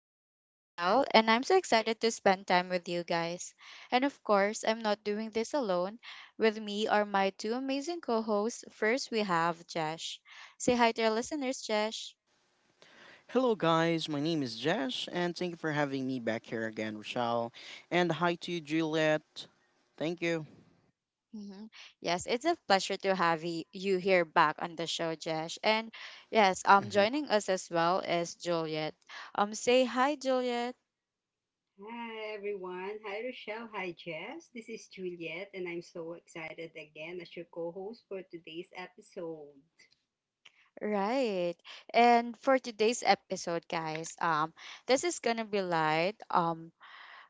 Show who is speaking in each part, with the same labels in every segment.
Speaker 1: host, Rochelle, and I'm so excited to spend time with you guys. And of course, I'm not doing this alone. With me are my two amazing co hosts. First, we have Jesh. Say hi to our listeners, Jesh.
Speaker 2: Hello, guys. My name is Jesh, and thank you for having me back here again, Rochelle. And hi to Juliet. Thank you.
Speaker 1: Mhm. Yes, it's a pleasure to have you here back on the show, Jesh. And yes,
Speaker 2: Hmm.
Speaker 1: joining us as well is Juliet. Say hi, Juliet.
Speaker 3: Hi everyone. Hi Rochelle. Hi Jess. This is Juliet and I'm so excited again as your co-host for today's episode.
Speaker 1: Right. And for today's episode, guys, this is gonna be light. Um,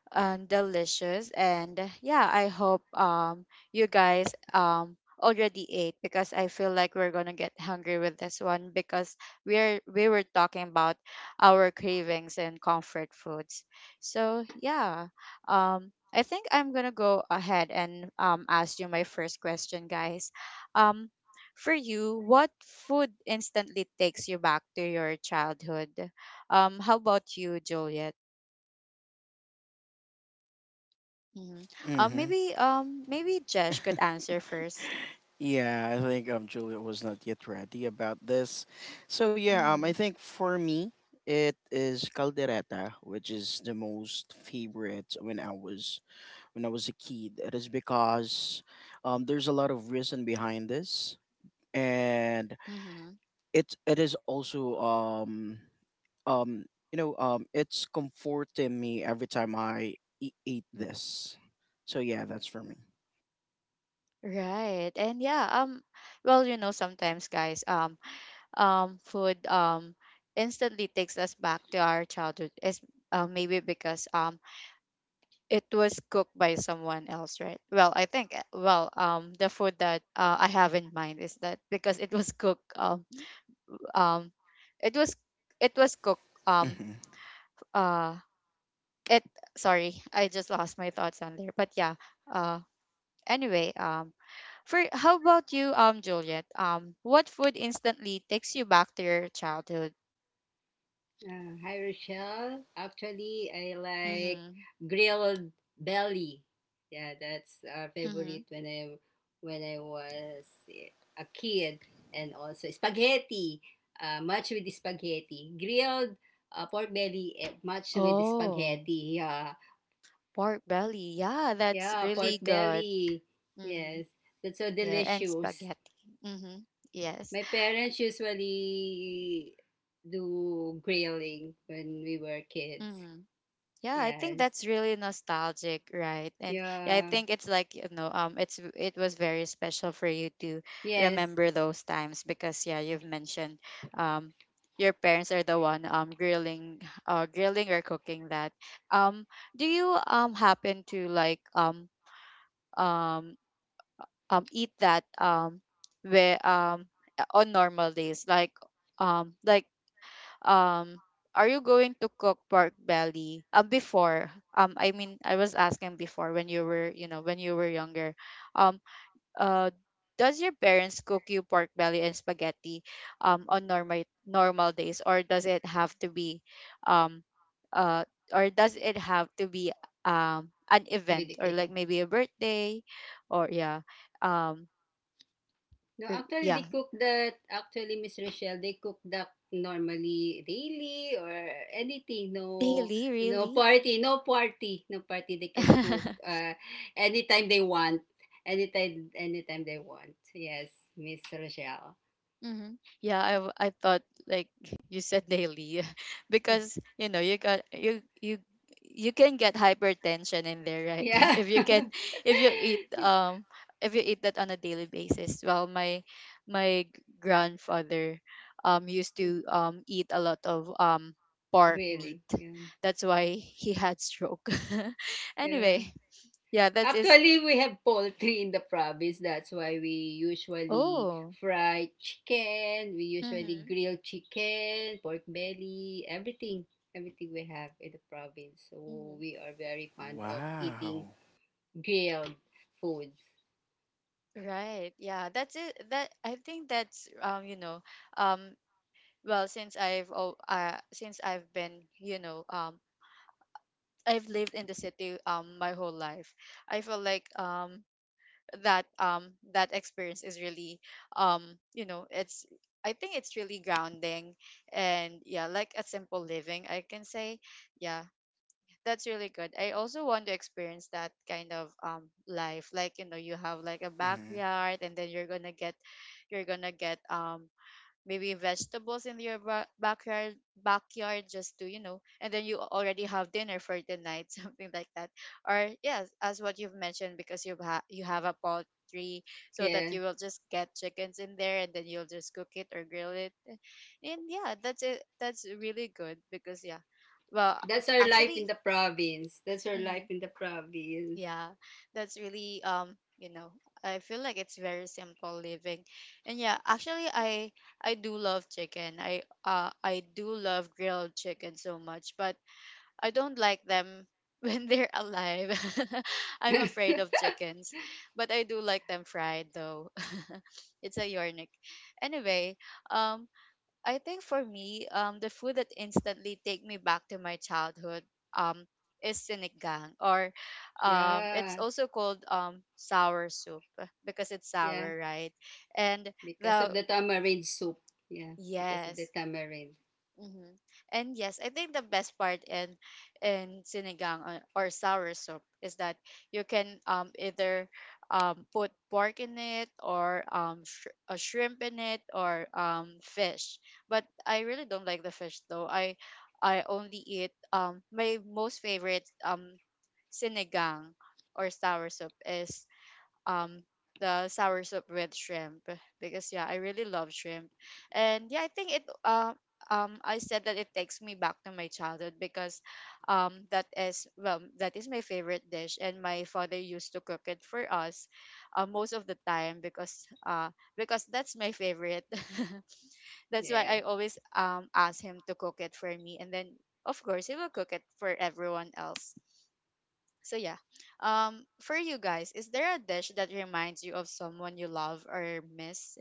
Speaker 1: um, Delicious. And yeah, I hope you guys already ate because I feel like we're gonna get hungry with this one because we were talking about our cravings and comfort foods. So yeah, I think I'm gonna go ahead and ask you my first question, guys. Um, for you, what food instantly takes you back to your childhood? How about you, Juliet? Mm-hmm. Um,
Speaker 2: Hmm.
Speaker 1: maybe um maybe Jesh could answer first.
Speaker 2: Yeah, I think Juliet was not yet ready about this. So, yeah, um, I
Speaker 1: Mm-hmm.
Speaker 2: think for me, it is caldereta, which is the most favorite when I was a kid. It is because there's a lot of reason behind this, and
Speaker 1: Mm-hmm.
Speaker 2: It is also um it's comforting me every time I eat this, so yeah, that's for me.
Speaker 1: Right. And yeah, well, you know, sometimes guys, food instantly takes us back to our childhood. Is maybe because it was cooked by someone else, right? Well, I think the food that I have in mind is that because it was cooked um it was it was cooked
Speaker 2: Hmm.
Speaker 1: uh it sorry, I just lost my thoughts on there, but yeah, uh anyway um for how about you, Juliet, what food instantly takes you back to your childhood?
Speaker 3: Hi Rochelle. Actually, I like
Speaker 1: Mm-hmm.
Speaker 3: grilled belly. Yeah, that's our
Speaker 1: Mm-hmm.
Speaker 3: favorite when I was a kid, and also spaghetti. Much with the spaghetti. Grilled pork belly, eh, much with the
Speaker 1: Oh,
Speaker 3: spaghetti. Yeah.
Speaker 1: pork belly, yeah, that's
Speaker 3: Yeah, pork
Speaker 1: really good.
Speaker 3: belly.
Speaker 1: Mm-hmm.
Speaker 3: Yes, that's so
Speaker 1: Yeah, and
Speaker 3: delicious.
Speaker 1: spaghetti. Mm-hmm. Yes.
Speaker 3: My parents usually do grilling when we were kids.
Speaker 1: Mm-hmm. Yeah, I think
Speaker 3: Yes.
Speaker 1: that's really nostalgic, right? And yeah, I
Speaker 3: Yeah.
Speaker 1: think it's like, you know, it was very special for you to
Speaker 3: Yes.
Speaker 1: remember those times because yeah, you've mentioned um your parents are the one grilling or cooking that. Um do you happen to like um eat that, where on normal days, um like um are you going to cook pork belly before? I mean, I was asking before, when you were, you know, when you were younger, um uh does your parents cook you pork belly and spaghetti on normal days, or does it have to um uh be an
Speaker 3: With
Speaker 1: event or like
Speaker 3: occasion.
Speaker 1: maybe a birthday, or yeah, um
Speaker 3: No,
Speaker 1: or-
Speaker 3: actually they
Speaker 1: yeah,
Speaker 3: cook that, actually Miss Rochelle, they cook that normally daily or anything. No,
Speaker 1: daily,
Speaker 3: no
Speaker 1: really?
Speaker 3: party. No party. No party, they can cook anytime they want. Anytime they want. Yes, Miss Rochelle.
Speaker 1: Mm-hmm. Yeah, I I thought like you said daily because you know you got you you you can get hypertension in there, right?
Speaker 3: Yeah.
Speaker 1: If you can, if you eat
Speaker 3: Yeah.
Speaker 1: um if you eat that on a daily basis. Well, my grandfather used to eat a lot of pork
Speaker 3: Really.
Speaker 1: meat.
Speaker 3: Yeah.
Speaker 1: That's why he had stroke.
Speaker 3: Yeah.
Speaker 1: Anyway, yeah, that is,
Speaker 3: Actually, we have poultry in the province. That's why we usually
Speaker 1: oh.
Speaker 3: fry chicken. We usually
Speaker 1: Mm-hmm.
Speaker 3: grill chicken, pork belly, everything. Everything we have in the province. So
Speaker 1: Mm-hmm.
Speaker 3: we are very fond of eating
Speaker 2: Wow.
Speaker 3: grilled foods.
Speaker 1: Right. Yeah. That's it. That I think that's you know, um well, since I've since I've been, you know, I've lived in the city my whole life. I feel like that, that experience is really um you know, it's, I think it's really grounding, and yeah, like a simple living, I can say, yeah, that's really good. I also want to experience that kind of life. Like, you know, you have like a
Speaker 2: Hmm.
Speaker 1: backyard, and then you're gonna get maybe vegetables in your backyard, backyard, just to, you know, and then you already have dinner for the night, something like that. Or yes, as what you've mentioned, because you have a poultry, so that
Speaker 3: Yeah.
Speaker 1: you will just get chickens in there and then you'll just cook it or grill it. And yeah, that's it. That's really good because yeah. Well,
Speaker 3: That's our life in
Speaker 1: actually,
Speaker 3: the province. That's our
Speaker 1: hmm,
Speaker 3: life in the province.
Speaker 1: yeah, that's really you know, I feel like it's very simple living, and yeah, actually, I do love chicken. I do love grilled chicken so much, but I don't like them when they're alive. I'm afraid of chickens, but I do like them fried though. It's a yornik. Anyway, um, I think for me, the food that instantly take me back to my childhood, um, is sinigang, or, it's
Speaker 3: Yeah.
Speaker 1: also called sour soup because it's
Speaker 3: Yeah.
Speaker 1: sour, right? And
Speaker 3: Because of
Speaker 1: the
Speaker 3: the tamarind soup. Yeah, because of the
Speaker 1: yes,
Speaker 3: tamarind.
Speaker 1: mm-hmm. And yes, I think the best part in sinigang, or sour soup, is that you can either put pork in it, or a shrimp in it, or fish. But I really don't like the fish though. I only eat my most favorite sinigang or sour soup is um the sour soup with shrimp, because yeah, I really love shrimp. And yeah, I think it I said that it takes me back to my childhood because that is, well, that is my favorite dish, and my father used to cook it for us most of the time, because that's my favorite. That's why I
Speaker 3: Yes.
Speaker 1: always ask him to cook it for me, and then of course he will cook it for everyone else. So yeah, for you guys, is there a dish that reminds you of someone you love or miss?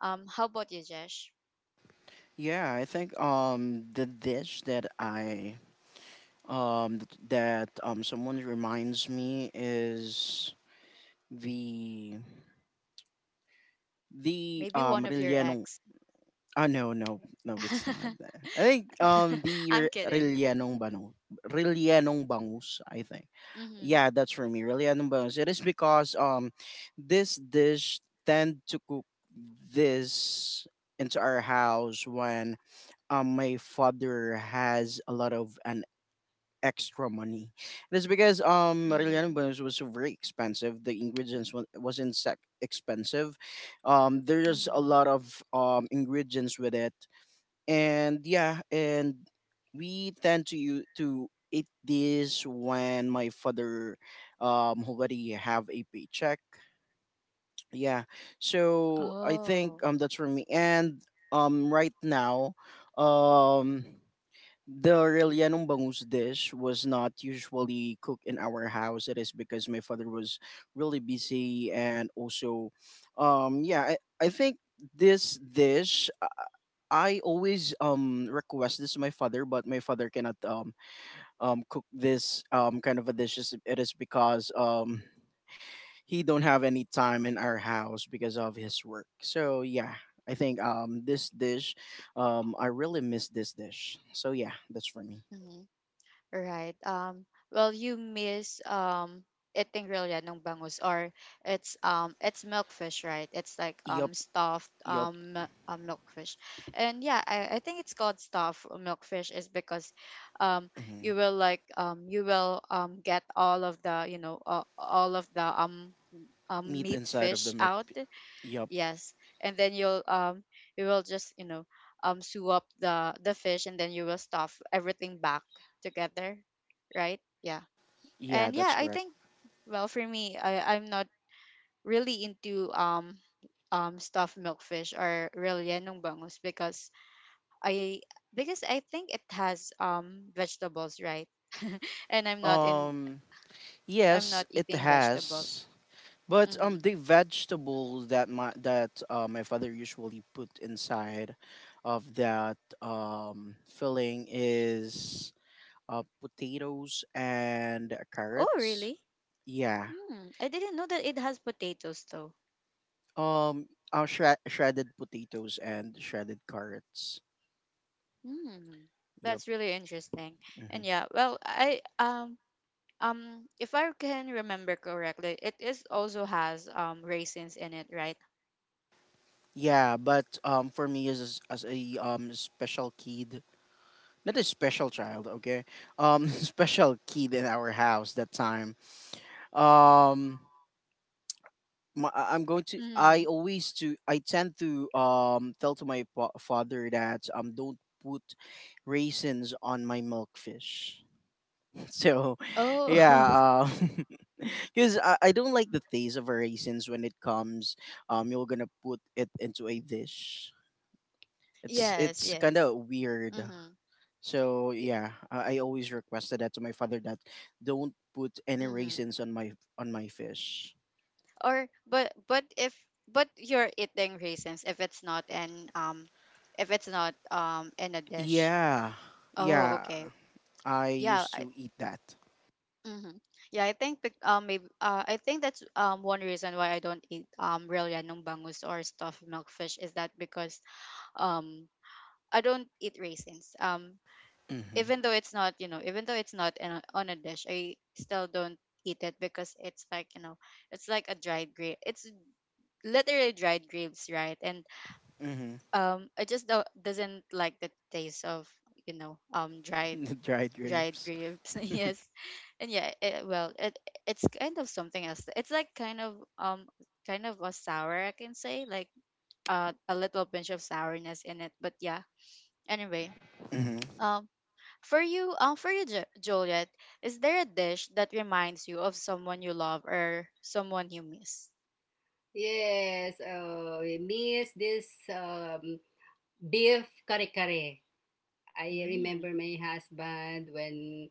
Speaker 1: How about you, Jesh?
Speaker 2: Yeah, I think the dish that someone reminds me is the the
Speaker 1: Maybe one
Speaker 2: um
Speaker 1: of your
Speaker 2: relleno.
Speaker 1: ex?
Speaker 2: Oh no, no, no, it's not that. I think um the
Speaker 1: I'm
Speaker 2: Re-
Speaker 1: kidding.
Speaker 2: Rellenong Banu Rellenong Bangus, I think.
Speaker 1: Mm-hmm.
Speaker 2: Yeah, that's for me. Rellenong Bangus. It is because this dish tend to cook this into our house when my father has a lot of an extra money. That's because Marilyana
Speaker 1: Mm-hmm.
Speaker 2: Bones was very expensive. The ingredients wasn't expensive. There's a
Speaker 1: Mm-hmm.
Speaker 2: lot of ingredients with it, and we tend to to eat this when my father already have a paycheck. Yeah, so I
Speaker 1: Oh,
Speaker 2: think um that's for me. And right now, um the Aurelianum bangus dish was not usually cooked in our house. It is because my father was really busy and also, um, yeah, I, I think this dish. I always request this to my father, but my father cannot cook this kind of a dish. It is because he don't have any time in our house because of his work. So I think this dish, I really miss this dish. So yeah, that's for me.
Speaker 1: right. Well, you miss eating grilla ng bangus, or it's milkfish, right? It's like
Speaker 2: Yup.
Speaker 1: stuffed
Speaker 2: Yup.
Speaker 1: milkfish, and yeah, I think it's called stuffed milkfish is because um
Speaker 2: Mhm.
Speaker 1: you will like you will get all of the, you know, all of the
Speaker 2: Meat
Speaker 1: meat
Speaker 2: inside of the
Speaker 1: fish
Speaker 2: milk.
Speaker 1: out,
Speaker 2: Yup.
Speaker 1: yes, and then you'll you will just, you know, sew up the fish, and then you will stuff everything back together, right? Yeah,
Speaker 2: Yeah,
Speaker 1: and yeah,
Speaker 2: that's
Speaker 1: I
Speaker 2: correct.
Speaker 1: think, well, for me, I, I'm not really into stuffed milkfish or rellenong bangus because I, because I think it has vegetables, right? And I'm not in,
Speaker 2: Um,
Speaker 1: I'm
Speaker 2: yes,
Speaker 1: not
Speaker 2: it
Speaker 1: eating vegetables.
Speaker 2: has. But
Speaker 1: Mm-hmm.
Speaker 2: um, the vegetable that my that my father usually put inside of that filling is potatoes and
Speaker 1: Oh,
Speaker 2: carrots.
Speaker 1: really?
Speaker 2: Yeah.
Speaker 1: Hmm. I didn't know that it has potatoes though.
Speaker 2: Um, shredded potatoes and shredded carrots.
Speaker 1: Mm,
Speaker 2: Yup.
Speaker 1: that's really interesting. And
Speaker 2: Hmm.
Speaker 1: yeah, well, I if I can remember correctly, it is also has raisins in it, right?
Speaker 2: Yeah, but um, for me as a special kid, not a special child, okay? Um, special kid in our house that time. Um, I'm going to. I
Speaker 1: Mm.
Speaker 2: always to. I tend to tell to my father that don't put raisins on my milk fish. So, yeah,
Speaker 1: Oh,
Speaker 2: because I don't like the taste of raisins when it comes. You're gonna put it into a dish.
Speaker 1: yes,
Speaker 2: It's kind
Speaker 1: yes.
Speaker 2: of weird.
Speaker 1: Mm-hmm.
Speaker 2: So
Speaker 1: Y-
Speaker 2: yeah, I always requested that to my father that don't put any
Speaker 1: mm-hmm.
Speaker 2: raisins on my fish.
Speaker 1: Or, but if, but you're eating raisins if it's not in if it's not in a dish.
Speaker 2: Yeah,
Speaker 1: Oh,
Speaker 2: yeah,
Speaker 1: okay.
Speaker 2: I
Speaker 1: Yeah,
Speaker 2: used to eat that.
Speaker 1: mm-hmm. Yeah, I think bec- maybe I think that's one reason why I don't eat real yanong bangus or stuffed milkfish is that because um I don't eat raisins.
Speaker 2: Mm-hmm.
Speaker 1: Even though it's not, you know, even though it's not in a, on a dish, I still don't eat it because it's like, you know, it's like a dried grape. It's literally dried grapes, right? And
Speaker 2: Mm-hmm.
Speaker 1: I just don't doesn't like the taste of, you know,
Speaker 2: The dried
Speaker 1: dried
Speaker 2: grapes.
Speaker 1: grapes. Yes, and yeah, it, well, it, it's kind of something else, it's like kind of a sour, I can say, like a little pinch of sourness in it, but yeah, anyway,
Speaker 2: Mm-hmm.
Speaker 1: um for you, for you, Joliet, is there a dish that reminds you of someone you love or someone you miss?
Speaker 3: Yes. Oh, we miss this beef kare-kare. I remember
Speaker 1: Mm.
Speaker 3: my husband when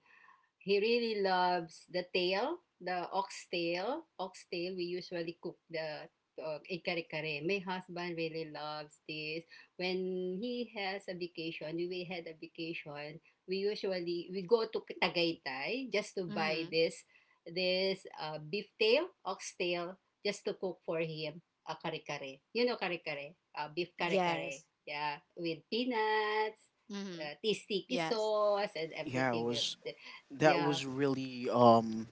Speaker 3: he really loves the tail, the ox tail. Ox tail, we usually cook the ikare-kare. My husband really loves this. When he has a vacation, we had a vacation, we usually, we go to Tagaytay just to buy
Speaker 1: Mm-hmm.
Speaker 3: this, this beef tail, ox tail, just to cook for him a kare-kare. You know kare-kare? Beef kare-kare.
Speaker 1: Yes.
Speaker 3: Yeah, with peanuts,
Speaker 1: Mm-hmm.
Speaker 3: tzatziki
Speaker 1: Yes.
Speaker 3: sauce, and
Speaker 2: Yeah, it
Speaker 3: everything with
Speaker 2: was
Speaker 3: the
Speaker 2: that
Speaker 3: yeah,
Speaker 2: was really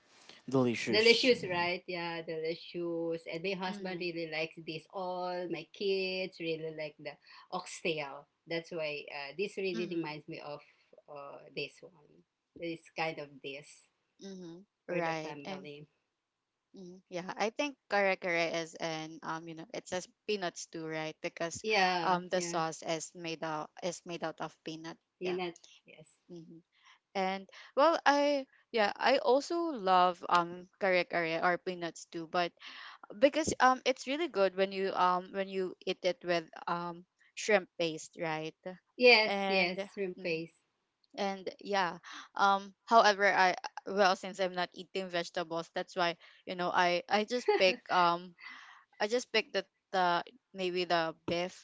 Speaker 2: delicious.
Speaker 3: delicious, right? Yeah, delicious. And my husband
Speaker 1: Mm-hmm.
Speaker 3: really likes this. All my kids really like the oxtail. That's why this really
Speaker 1: Mm-hmm.
Speaker 3: reminds me of this one. This kind of this
Speaker 1: Mm-hmm.
Speaker 3: for the
Speaker 1: Right, and
Speaker 3: family.
Speaker 1: mhm. Yeah, I think kare kare is an you know, it says peanuts too, right? Because
Speaker 3: Yeah,
Speaker 1: the
Speaker 3: yeah.
Speaker 1: sauce is made out of peanut. Yeah.
Speaker 3: Peanuts, yes.
Speaker 1: Hmm. And, well, I yeah, I also love kare kare or peanuts too, but because it's really good when you eat it with shrimp paste, right?
Speaker 3: Yes,
Speaker 1: And
Speaker 3: yes, shrimp
Speaker 1: mhm.
Speaker 3: paste.
Speaker 1: And yeah, however, I, well, since I'm not eating vegetables, that's why, you know, I just pick I just picked the, maybe the beef,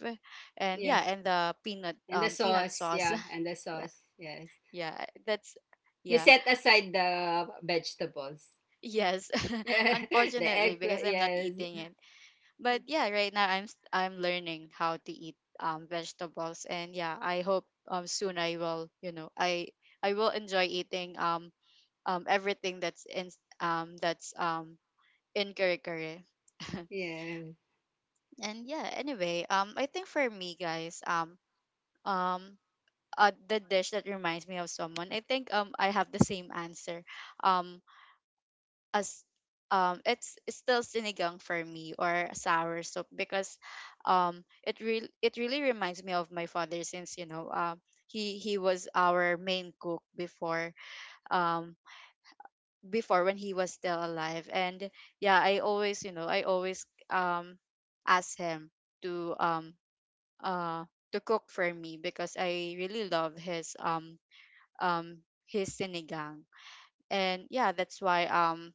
Speaker 1: and yeah,
Speaker 3: Yes.
Speaker 1: and the peanut
Speaker 3: And the
Speaker 1: peanut
Speaker 3: sauce,
Speaker 1: sauce.
Speaker 3: yeah, and the
Speaker 1: Yeah.
Speaker 3: sauce, yes.
Speaker 1: Yeah. That's,
Speaker 3: You
Speaker 1: yeah.
Speaker 3: set aside the vegetables.
Speaker 1: Yes.
Speaker 3: The
Speaker 1: Unfortunately, because
Speaker 3: eggplant,
Speaker 1: I'm not
Speaker 3: yes.
Speaker 1: eating it. But yeah, right now I'm I'm learning how to eat vegetables, and yeah, I hope soon I will, you know, I will enjoy eating everything that's in curry.
Speaker 3: Yeah.
Speaker 1: Anyway, I think for me guys, um the dish that reminds me of someone. I think I have the same answer um as, it's still sinigang for me, or sour soup, because it really reminds me of my father since, you know, he was our main cook um before, when he was still alive. And yeah, I always, um ask him to, uh to cook for me, because I really love his, his sinigang. And yeah, that's why um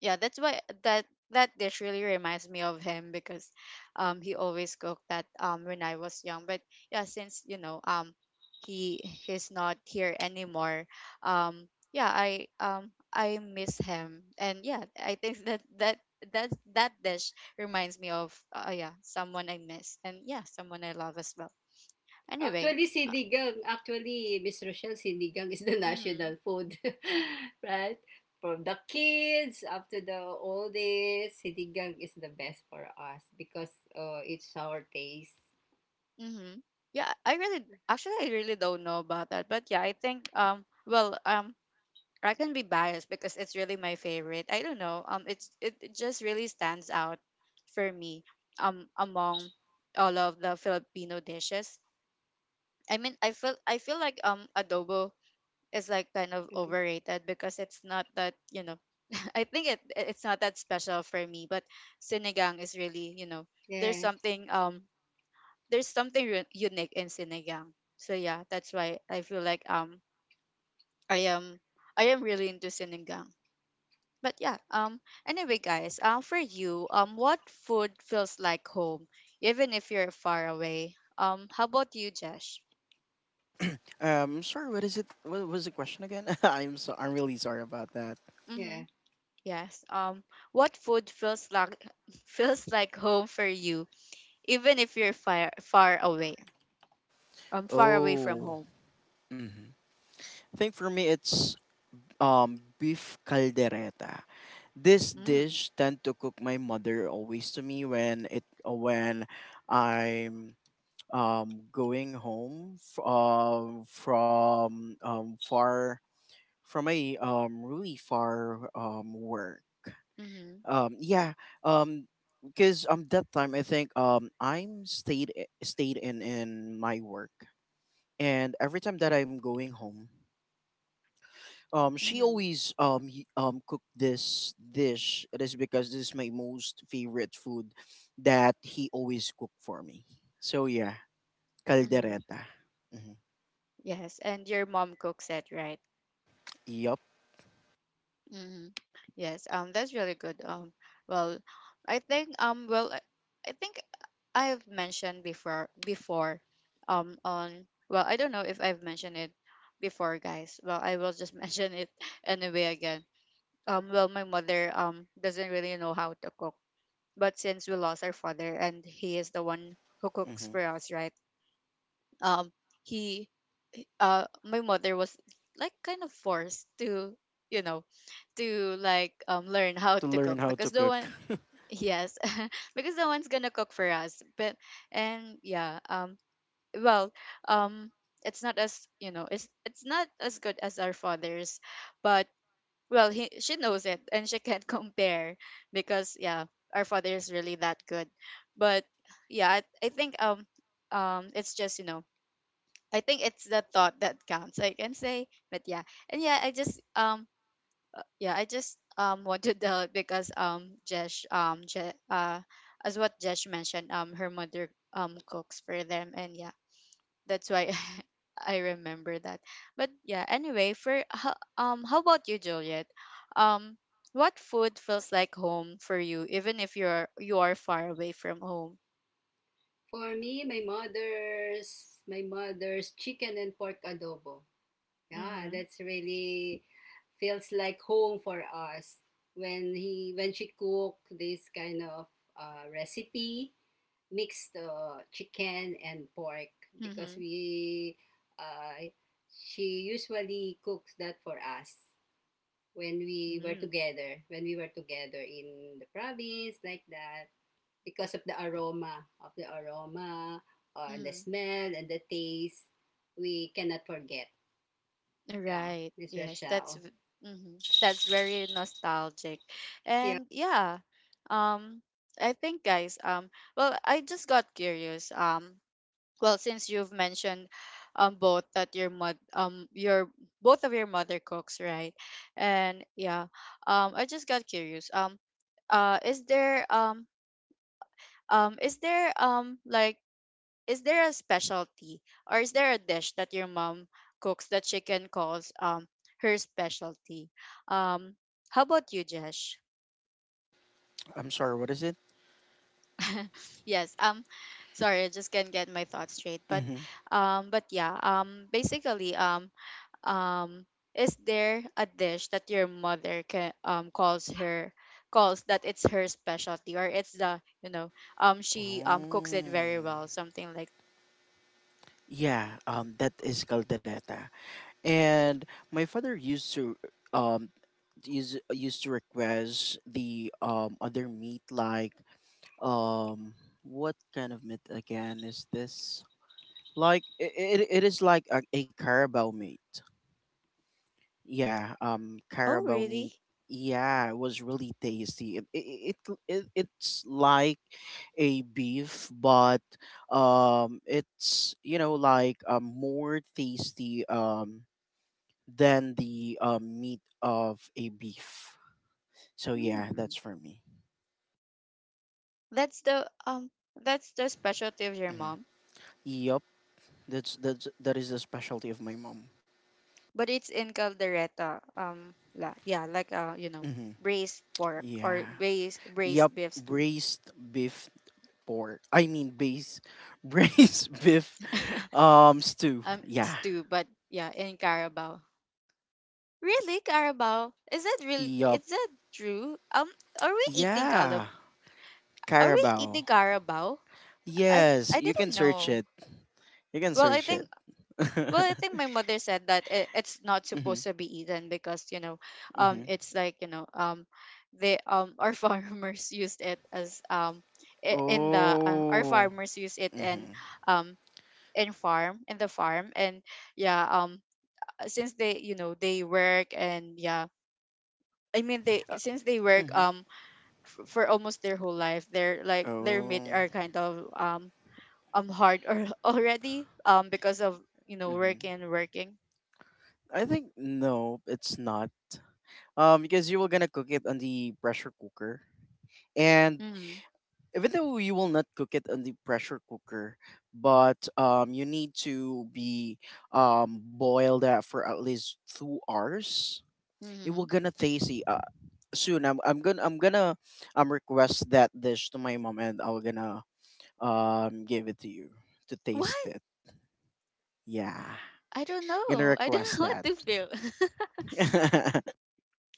Speaker 1: yeah that's why that dish really reminds me of him, because he always cooked that when I was young. But yeah, since, you know, he he's not here anymore, yeah, I miss him. And yeah, I think that dish reminds me of, yeah, someone I miss, and yeah, someone I love as well. Anyway.
Speaker 3: Actually,
Speaker 1: uh,
Speaker 3: sinigang, actually, Miss Rochelle, sinigang is the national
Speaker 1: mhm.
Speaker 3: food, right? From the kids up to the oldest, sinigang is the best for us because it's our taste.
Speaker 1: Mm-hmm. Yeah, I really don't know about that. But yeah, I think, I can be biased because it's really my favorite. I don't know. It just really stands out for me, among all of the Filipino dishes. I mean, I feel like adobo is like kind of
Speaker 3: Okay.
Speaker 1: overrated, because it's not that, you know, I think it's not that special for me, but sinigang is really, you know, there's
Speaker 3: Yeah,
Speaker 1: something um there's something unique in sinigang. So yeah, that's why I feel like, I am I am really into sinigang. But yeah, anyway guys, for you, what food feels like home even if you're far away? How about you, Josh?
Speaker 2: Sorry, what is it? What was the question again? I'm really sorry about that.
Speaker 3: yeah.
Speaker 1: Mhm. Yes. What food feels like feels like home for you, even if you're far away? Far away from
Speaker 2: Oh,
Speaker 1: home.
Speaker 2: mm-hmm. I think for me it's beef caldereta. This
Speaker 1: Mm.
Speaker 2: dish tend to cook my mother always to me when I'm going home from far from a really far work.
Speaker 1: Mhm.
Speaker 2: um yeah um because that time I think stayed in my work, and every time that I'm going home, she
Speaker 1: Mhm.
Speaker 2: always cook this dish. It is because this is my most favorite food that he always cook for me. So yeah,
Speaker 1: Mhm.
Speaker 2: caldereta. Mm-hmm.
Speaker 1: Yes, and your mom cooks it, right?
Speaker 2: Yep.
Speaker 1: Mm-hmm. Yes, that's really good. Well, I think, I think I've mentioned before, on, well, I don't know if I've mentioned it before, guys. Well, I will just mention it anyway again. Well, my mother doesn't really know how to cook, but since we lost our father, and he is the one who cooks
Speaker 2: Mm-hmm.
Speaker 1: for us, right? Um, he My mother was like kind of forced to, you know, to like learn how
Speaker 2: To
Speaker 1: to
Speaker 2: learn
Speaker 1: cook
Speaker 2: how to
Speaker 1: because no
Speaker 2: cook.
Speaker 1: one. Yes. Because no one's gonna cook for us. But, and yeah, well um it's not as, you know, it's not as good as our father's, but, well, he she knows it, and she can't compare because, yeah, our father is really that good. But yeah, I think, it's just, you know, I think it's the thought that counts, I can say. But yeah, and yeah, I just want to tell it because Jesh, as what Jesh mentioned, her mother cooks for them, and yeah, that's why I remember that. But yeah, anyway, how about you, Juliet? Um, what food feels like home for you, even if you are far away from home?
Speaker 3: For me, my mother's chicken and pork adobo. Yeah,
Speaker 1: Mm-hmm.
Speaker 3: that's really feels like home for us when he when she cook this kind of recipe. Mixed chicken and pork because
Speaker 1: Mm-hmm.
Speaker 3: we uh, she usually cooks that for us when we were
Speaker 1: Mm-hmm.
Speaker 3: together when we were together in the province like that because of the aroma and the
Speaker 1: Mm-hmm.
Speaker 3: smell and the taste we cannot forget, yeah
Speaker 1: Right.
Speaker 3: Miss
Speaker 1: Yes,
Speaker 3: Rochelle.
Speaker 1: mhm. That's very nostalgic.
Speaker 3: Yeah.
Speaker 1: And yeah, um I think guys, um, well, I just got curious. Um, well, since you've mentioned both that your mother your both of your mother cooks, right? And yeah, I just got curious. Uh is there um is there, like, is there a specialty, or is there a dish that your mom cooks that she can calls, her specialty? Um, how about you, Jesh?
Speaker 2: I'm sorry, what is it?
Speaker 1: Yes. Sorry, I just can't get my thoughts straight.
Speaker 2: Mm-hmm.
Speaker 1: But yeah. Basically, um, is there a dish that your mother can calls her, calls that it's her specialty, or it's the, you know, she cooks it
Speaker 2: Oh.
Speaker 1: very well, something like.
Speaker 2: Yeah, that is caldereta, and my father used to um used to request the other meat like um what kind of meat again is this, like it, is like a carabao meat. Yeah,
Speaker 1: Oh
Speaker 2: carabao meat.
Speaker 1: really.
Speaker 2: Yeah, it was really tasty. It it's like a beef, but it's you know like more tasty than the meat of a beef. So yeah,
Speaker 1: Hmm.
Speaker 2: that's for me.
Speaker 1: That's the, that's the specialty of your
Speaker 2: Hmm.
Speaker 1: mom,
Speaker 2: Yep. That's that is the specialty of my mom.
Speaker 1: but it's in caldereta. La, yeah, like, you know,
Speaker 2: Hmm.
Speaker 1: braised pork, or
Speaker 2: Yeah. Yup.
Speaker 1: braised beef stew.
Speaker 2: Braised beef pork. I mean, base braised beef stew.
Speaker 1: Um,
Speaker 2: Yeah.
Speaker 1: stew, but yeah, in Carabao. Really, Carabao? Is that real?
Speaker 2: Yup.
Speaker 1: Is that true? Are we eating calab?
Speaker 2: Yeah.
Speaker 1: Are we
Speaker 2: Carabao.
Speaker 1: eating Carabao?
Speaker 2: Yes,
Speaker 1: I
Speaker 2: you can
Speaker 1: didn't
Speaker 2: search
Speaker 1: know.
Speaker 2: it. You can
Speaker 1: Well, I
Speaker 2: search
Speaker 1: think
Speaker 2: it.
Speaker 1: Well,
Speaker 2: Mhm.
Speaker 1: I think my mother said that it's not supposed to be eaten because, you know,
Speaker 2: Mhm.
Speaker 1: it's like, you know, they, our farmers used it as, I- in the our
Speaker 2: Oh.
Speaker 1: farmers use it in,
Speaker 2: Mhm.
Speaker 1: um in farm. And yeah, since they, you know, they work. And yeah, I mean, they,
Speaker 2: Uh,
Speaker 1: since they work,
Speaker 2: mhm.
Speaker 1: for almost their whole life, their, like, their meat
Speaker 2: Oh.
Speaker 1: are kind of, hard, or already, because of, you know,
Speaker 2: Mhm.
Speaker 1: working.
Speaker 2: I think no, it's not. Because you were gonna cook it on the pressure cooker, and
Speaker 1: Mm-hmm.
Speaker 2: even though you will not cook it on the pressure cooker, but you need to be boil that for at least 2 hours. It will
Speaker 1: Mhm.
Speaker 2: gonna tasty soon. I'm gonna request that dish to my mom, and I'm gonna give it to you to
Speaker 1: What?
Speaker 2: taste it. Yeah,
Speaker 1: I don't
Speaker 2: gonna
Speaker 1: know. I
Speaker 2: request
Speaker 1: don't know
Speaker 2: that.
Speaker 1: what to feel.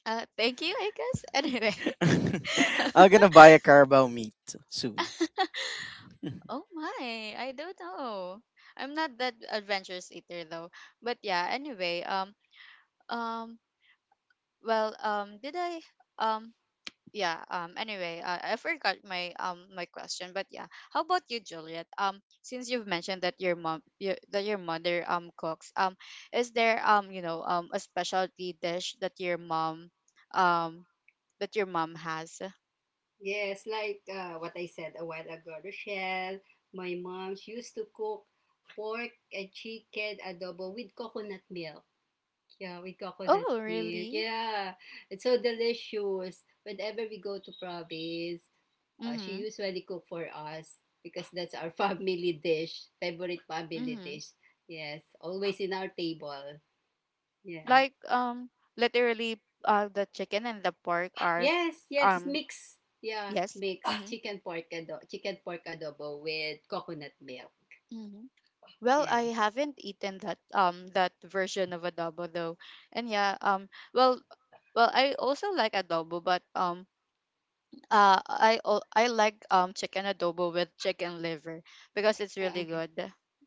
Speaker 1: Thank you, I guess. Anyway.
Speaker 2: I'm gonna buy a carabao meat soon.
Speaker 1: Oh my, I don't know. I'm not that adventurous eater though. But yeah, anyway, um well, did I um yeah, anyway I forgot my my question. But yeah, how about you, Juliet? Since you've mentioned that that your mother cooks, is there, you know, a specialty dish that your mom, um that your mom has.
Speaker 3: Yes, like what I said a while ago, Rochelle, my mom she used to cook pork and chicken adobo with coconut milk. Yeah, with coconut
Speaker 1: Oh
Speaker 3: milk.
Speaker 1: really.
Speaker 3: Yeah, it's so delicious. Whenever we go to province, she
Speaker 1: Mm-hmm.
Speaker 3: usually cook for us because that's our family dish, favorite family
Speaker 1: Mm-hmm.
Speaker 3: dish. Yes, always in our table. Yeah.
Speaker 1: Like literally, uh, the chicken and the pork are,
Speaker 3: Yes, yes, it's
Speaker 1: um
Speaker 3: mixed. Yeah,
Speaker 1: yes.
Speaker 3: mixed
Speaker 1: Mm-hmm.
Speaker 3: chicken pork adobo with coconut milk.
Speaker 1: Mm-hmm. Well,
Speaker 3: Yes.
Speaker 1: I haven't eaten that, that version of adobo though. And yeah, well well, I also like adobo, but I like, chicken adobo with chicken liver, because it's
Speaker 3: Ah,
Speaker 1: really
Speaker 3: okay.
Speaker 1: good.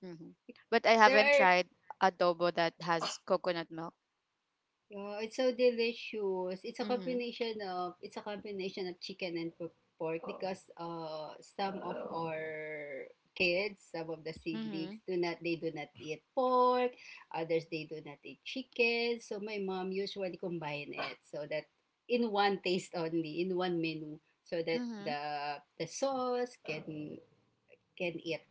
Speaker 1: Hmm. But I
Speaker 3: There
Speaker 1: haven't
Speaker 3: are
Speaker 1: tried adobo that has coconut milk.
Speaker 3: oh, it's so delicious. It's a
Speaker 1: Mhm.
Speaker 3: combination of, it's a combination of chicken and po- pork because some of our kids, some of the siblings
Speaker 1: Mhm.
Speaker 3: do not, they do not eat pork, others they do not eat chicken. So my mom usually combine it so that in one taste only, in one menu so that
Speaker 1: Mhm.
Speaker 3: the sauce can eat,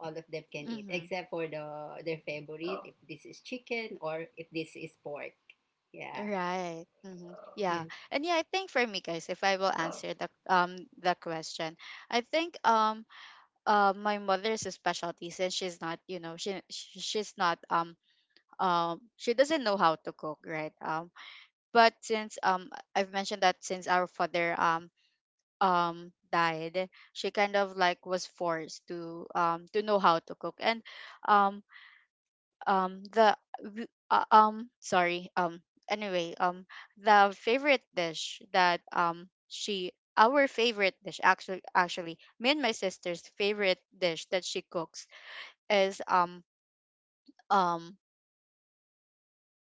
Speaker 3: all of them can eat
Speaker 1: Mhm.
Speaker 3: except for the their favorite if this is chicken or if this is pork, yeah.
Speaker 1: Right. Mhm. Yeah.
Speaker 3: Yes.
Speaker 1: And yeah, I think for me guys, if I will answer the, the question, I think, my mother's specialty, since she's not, you know, she's not, she doesn't know how to cook, right, um, but since, I've mentioned that since our father, died, she kind of like was forced to, to know how to cook. And um um the sorry, um, anyway, um, the favorite dish that she our favorite dish, actually, me and my sister's favorite dish that she cooks is, um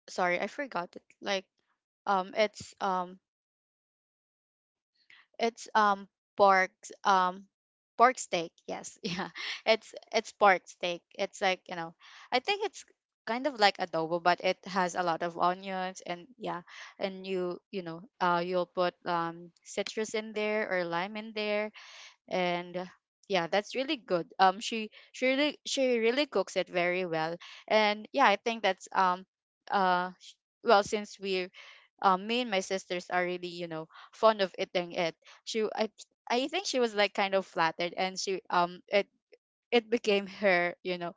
Speaker 1: sorry, I forgot it. Like, it's eh, it's pork, um pork steak. Yes, yeah. It's pork steak. It's like, you know, I think it's kind of like adobo, but it has a lot of onions. And yeah, and you know, uh, you'll put citrus in there, or lime in there. And yeah, that's really good. She really cooks it very well. And yeah, I think that's, uh sh- well, since we're me and my sisters are really, you know, fond of eating it, she w- I think she was like kind of flattered. And she, it became her, you know,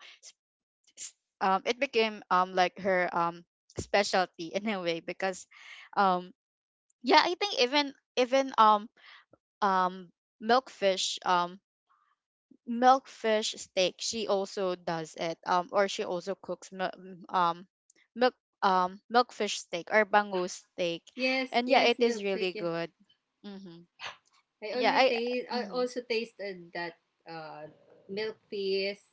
Speaker 1: s- it became, like her, specialty in a way, because, um yeah, I think, even, um milkfish, milkfish steak, she also does it. Or she also cooks, milk milkfish steak, or bangus steak.
Speaker 3: Yes,
Speaker 1: And yeah,
Speaker 3: yes,
Speaker 1: it is really
Speaker 3: milkshake, yeah.
Speaker 1: good. Mm-hmm.
Speaker 3: I
Speaker 1: yeah
Speaker 3: already
Speaker 1: I
Speaker 3: taste, I
Speaker 1: Mm-hmm.
Speaker 3: also tasted that uh milk feast.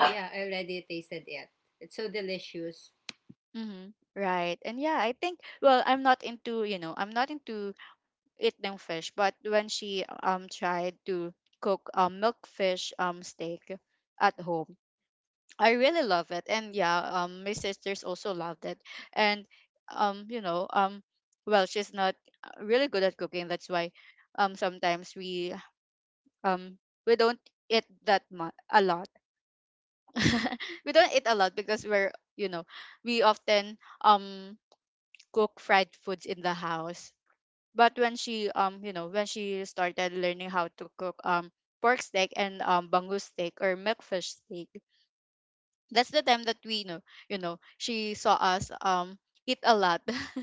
Speaker 3: Yeah, I already tasted it, it's so delicious.
Speaker 1: Mm-hmm. Right. And yeah, I think, well, I'm not into eating fish, but when she tried to cook, milkfish, steak at home, I really love it. And yeah, my sisters also loved it. And you know, well, she's not, really good at cooking. That's why sometimes we, um we don't eat that much a lot. We don't eat a lot, because we're, you know, we often cook fried foods in the house. But when she, you know, when she started learning how to cook, pork steak, and bangus steak, or milkfish steak, that's the time that we know, you know, she saw us, eat a lot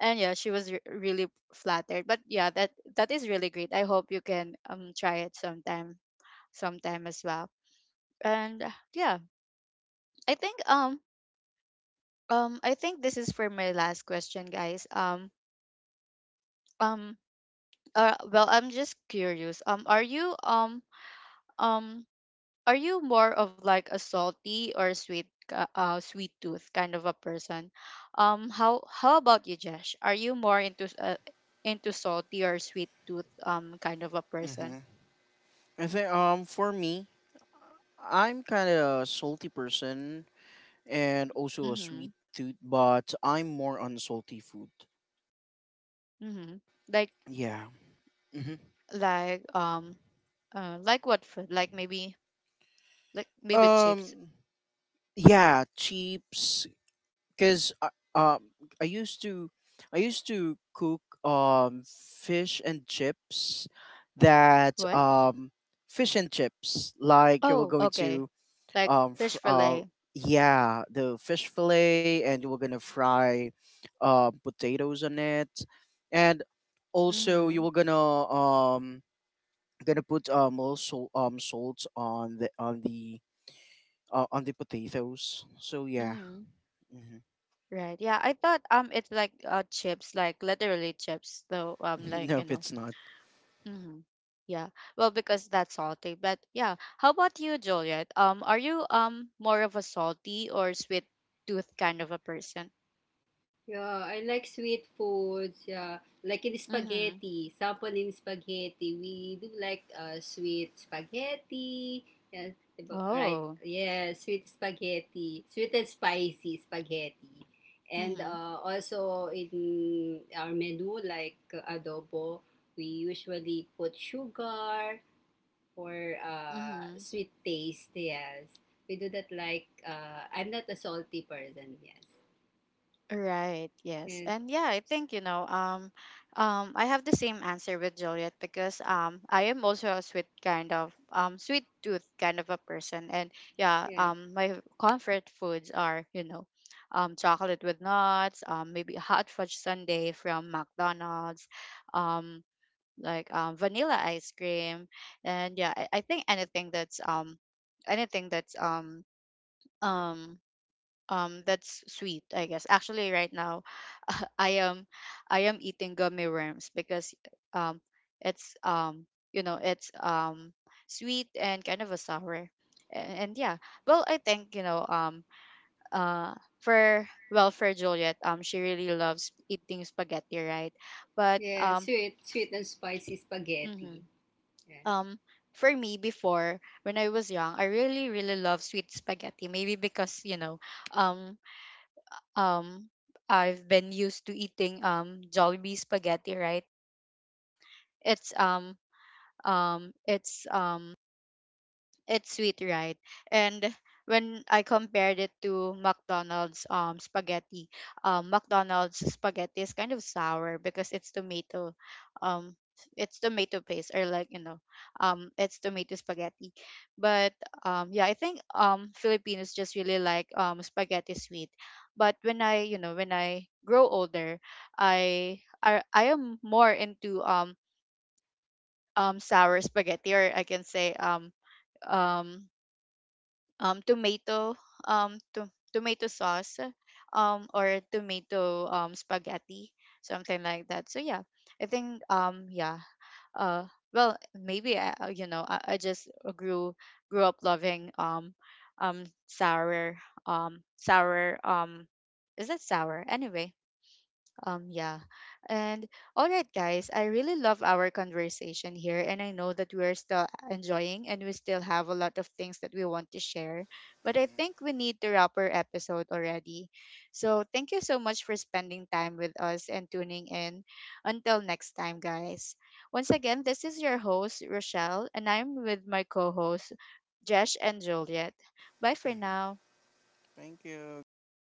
Speaker 1: and yeah, she was really flattered. But yeah, that that is really great. I hope you can, try it sometime, sometime as well. And yeah, I think, I think this is for my last question, guys. Um well, I'm just curious, are you, um are you more of like a salty or sweet tooth kind of a person? How about you, Jesh? Are you more into, into salty or sweet tooth kind of a person?
Speaker 2: Mm-hmm. I think for me, I'm kind of a salty person, and also a sweet
Speaker 1: Mhm.
Speaker 2: tooth, but I'm more on salty food.
Speaker 1: Mhm. Like,
Speaker 2: Yeah. Hmm.
Speaker 1: like um like what food? Like maybe, like maybe chips.
Speaker 2: Um. Yeah, chips. Cause um, I used to, I used to cook fish and chips, that
Speaker 1: What?
Speaker 2: fish and chips like you were
Speaker 1: Oh,
Speaker 2: going
Speaker 1: okay.
Speaker 2: to
Speaker 1: Like
Speaker 2: um fr-
Speaker 1: fish
Speaker 2: uh
Speaker 1: fillet.
Speaker 2: yeah, the fish fillet, and you were gonna fry potatoes on it, and also you
Speaker 1: Mhm.
Speaker 2: were gonna put also salt on the on the potatoes. So yeah,
Speaker 1: Mhm.
Speaker 2: hmm.
Speaker 1: Right. Yeah, I thought it's like, uh, chips, like literally chips. So like, you
Speaker 2: Nope,
Speaker 1: know.
Speaker 2: it's not.
Speaker 1: Hmm. Yeah. Well, because that's salty. But yeah, how about you, Juliet? Are you more of a salty or sweet tooth kind of a person?
Speaker 3: Yeah, I like sweet foods. Yeah, like in
Speaker 1: Mm-hmm.
Speaker 3: spaghetti, sampon in spaghetti. We do like sweet spaghetti. Yeah, diba? Right.
Speaker 1: Oh.
Speaker 3: Yeah, sweet spaghetti, sweet and spicy spaghetti, and
Speaker 1: Mm-hmm.
Speaker 3: also in our menu like adobo, we usually put sugar for
Speaker 1: Mm-hmm.
Speaker 3: sweet taste. Yes, we do that. Like I'm not a salty person. Yes,
Speaker 1: Right, yes.
Speaker 3: yes.
Speaker 1: And yeah, I think, you know, I have the same answer with Juliet, because I am also a sweet kind of, sweet tooth kind of a person. And yeah,
Speaker 3: Yes.
Speaker 1: um, my comfort foods are, you know, chocolate with nuts, um, maybe hot fudge sundae from McDonald's, um like vanilla ice cream. And yeah, I think anything that's, anything that's, um that's sweet, I guess. Actually, right now i am I am eating gummy worms because, um it's you know, it's sweet and kind of a sour. And yeah, well, I think, you know, uh for well, for Juliet, she really loves eating spaghetti, right? But,
Speaker 3: Yeah, sweet, sweet and spicy spaghetti.
Speaker 1: mhm,
Speaker 3: Yeah.
Speaker 1: um for me, before, when I was young, I really love sweet spaghetti, maybe because, you know, um um I've been used to eating, Jollibee spaghetti, right? It's um um it's um it's sweet, right? And when I compared it to McDonald's, spaghetti, McDonald's spaghetti is kind of sour because um it's tomato paste, or like, you know, it's tomato spaghetti. But yeah, I think Filipinos just really like spaghetti sweet. But when I, you know, when I grow older, I am more into, sour spaghetti, or I can say, um tomato, tomato sauce, or tomato spaghetti, something like that. So yeah, I think, uh well, maybe you know, I just grew grew up loving, sour, um sour um is that sour anyway. Um, yeah. And all right, guys, I really love our conversation here. And I know that we're still enjoying, and we still have a lot of things that we want to share. But I think we need to wrap our episode already. So thank you so much for spending time with us, and tuning in. Until next time, guys. Once again, this is your host, Rochelle, and I'm with my co host, Jesh and Juliet. Bye for now.
Speaker 2: Thank you. Goodbye.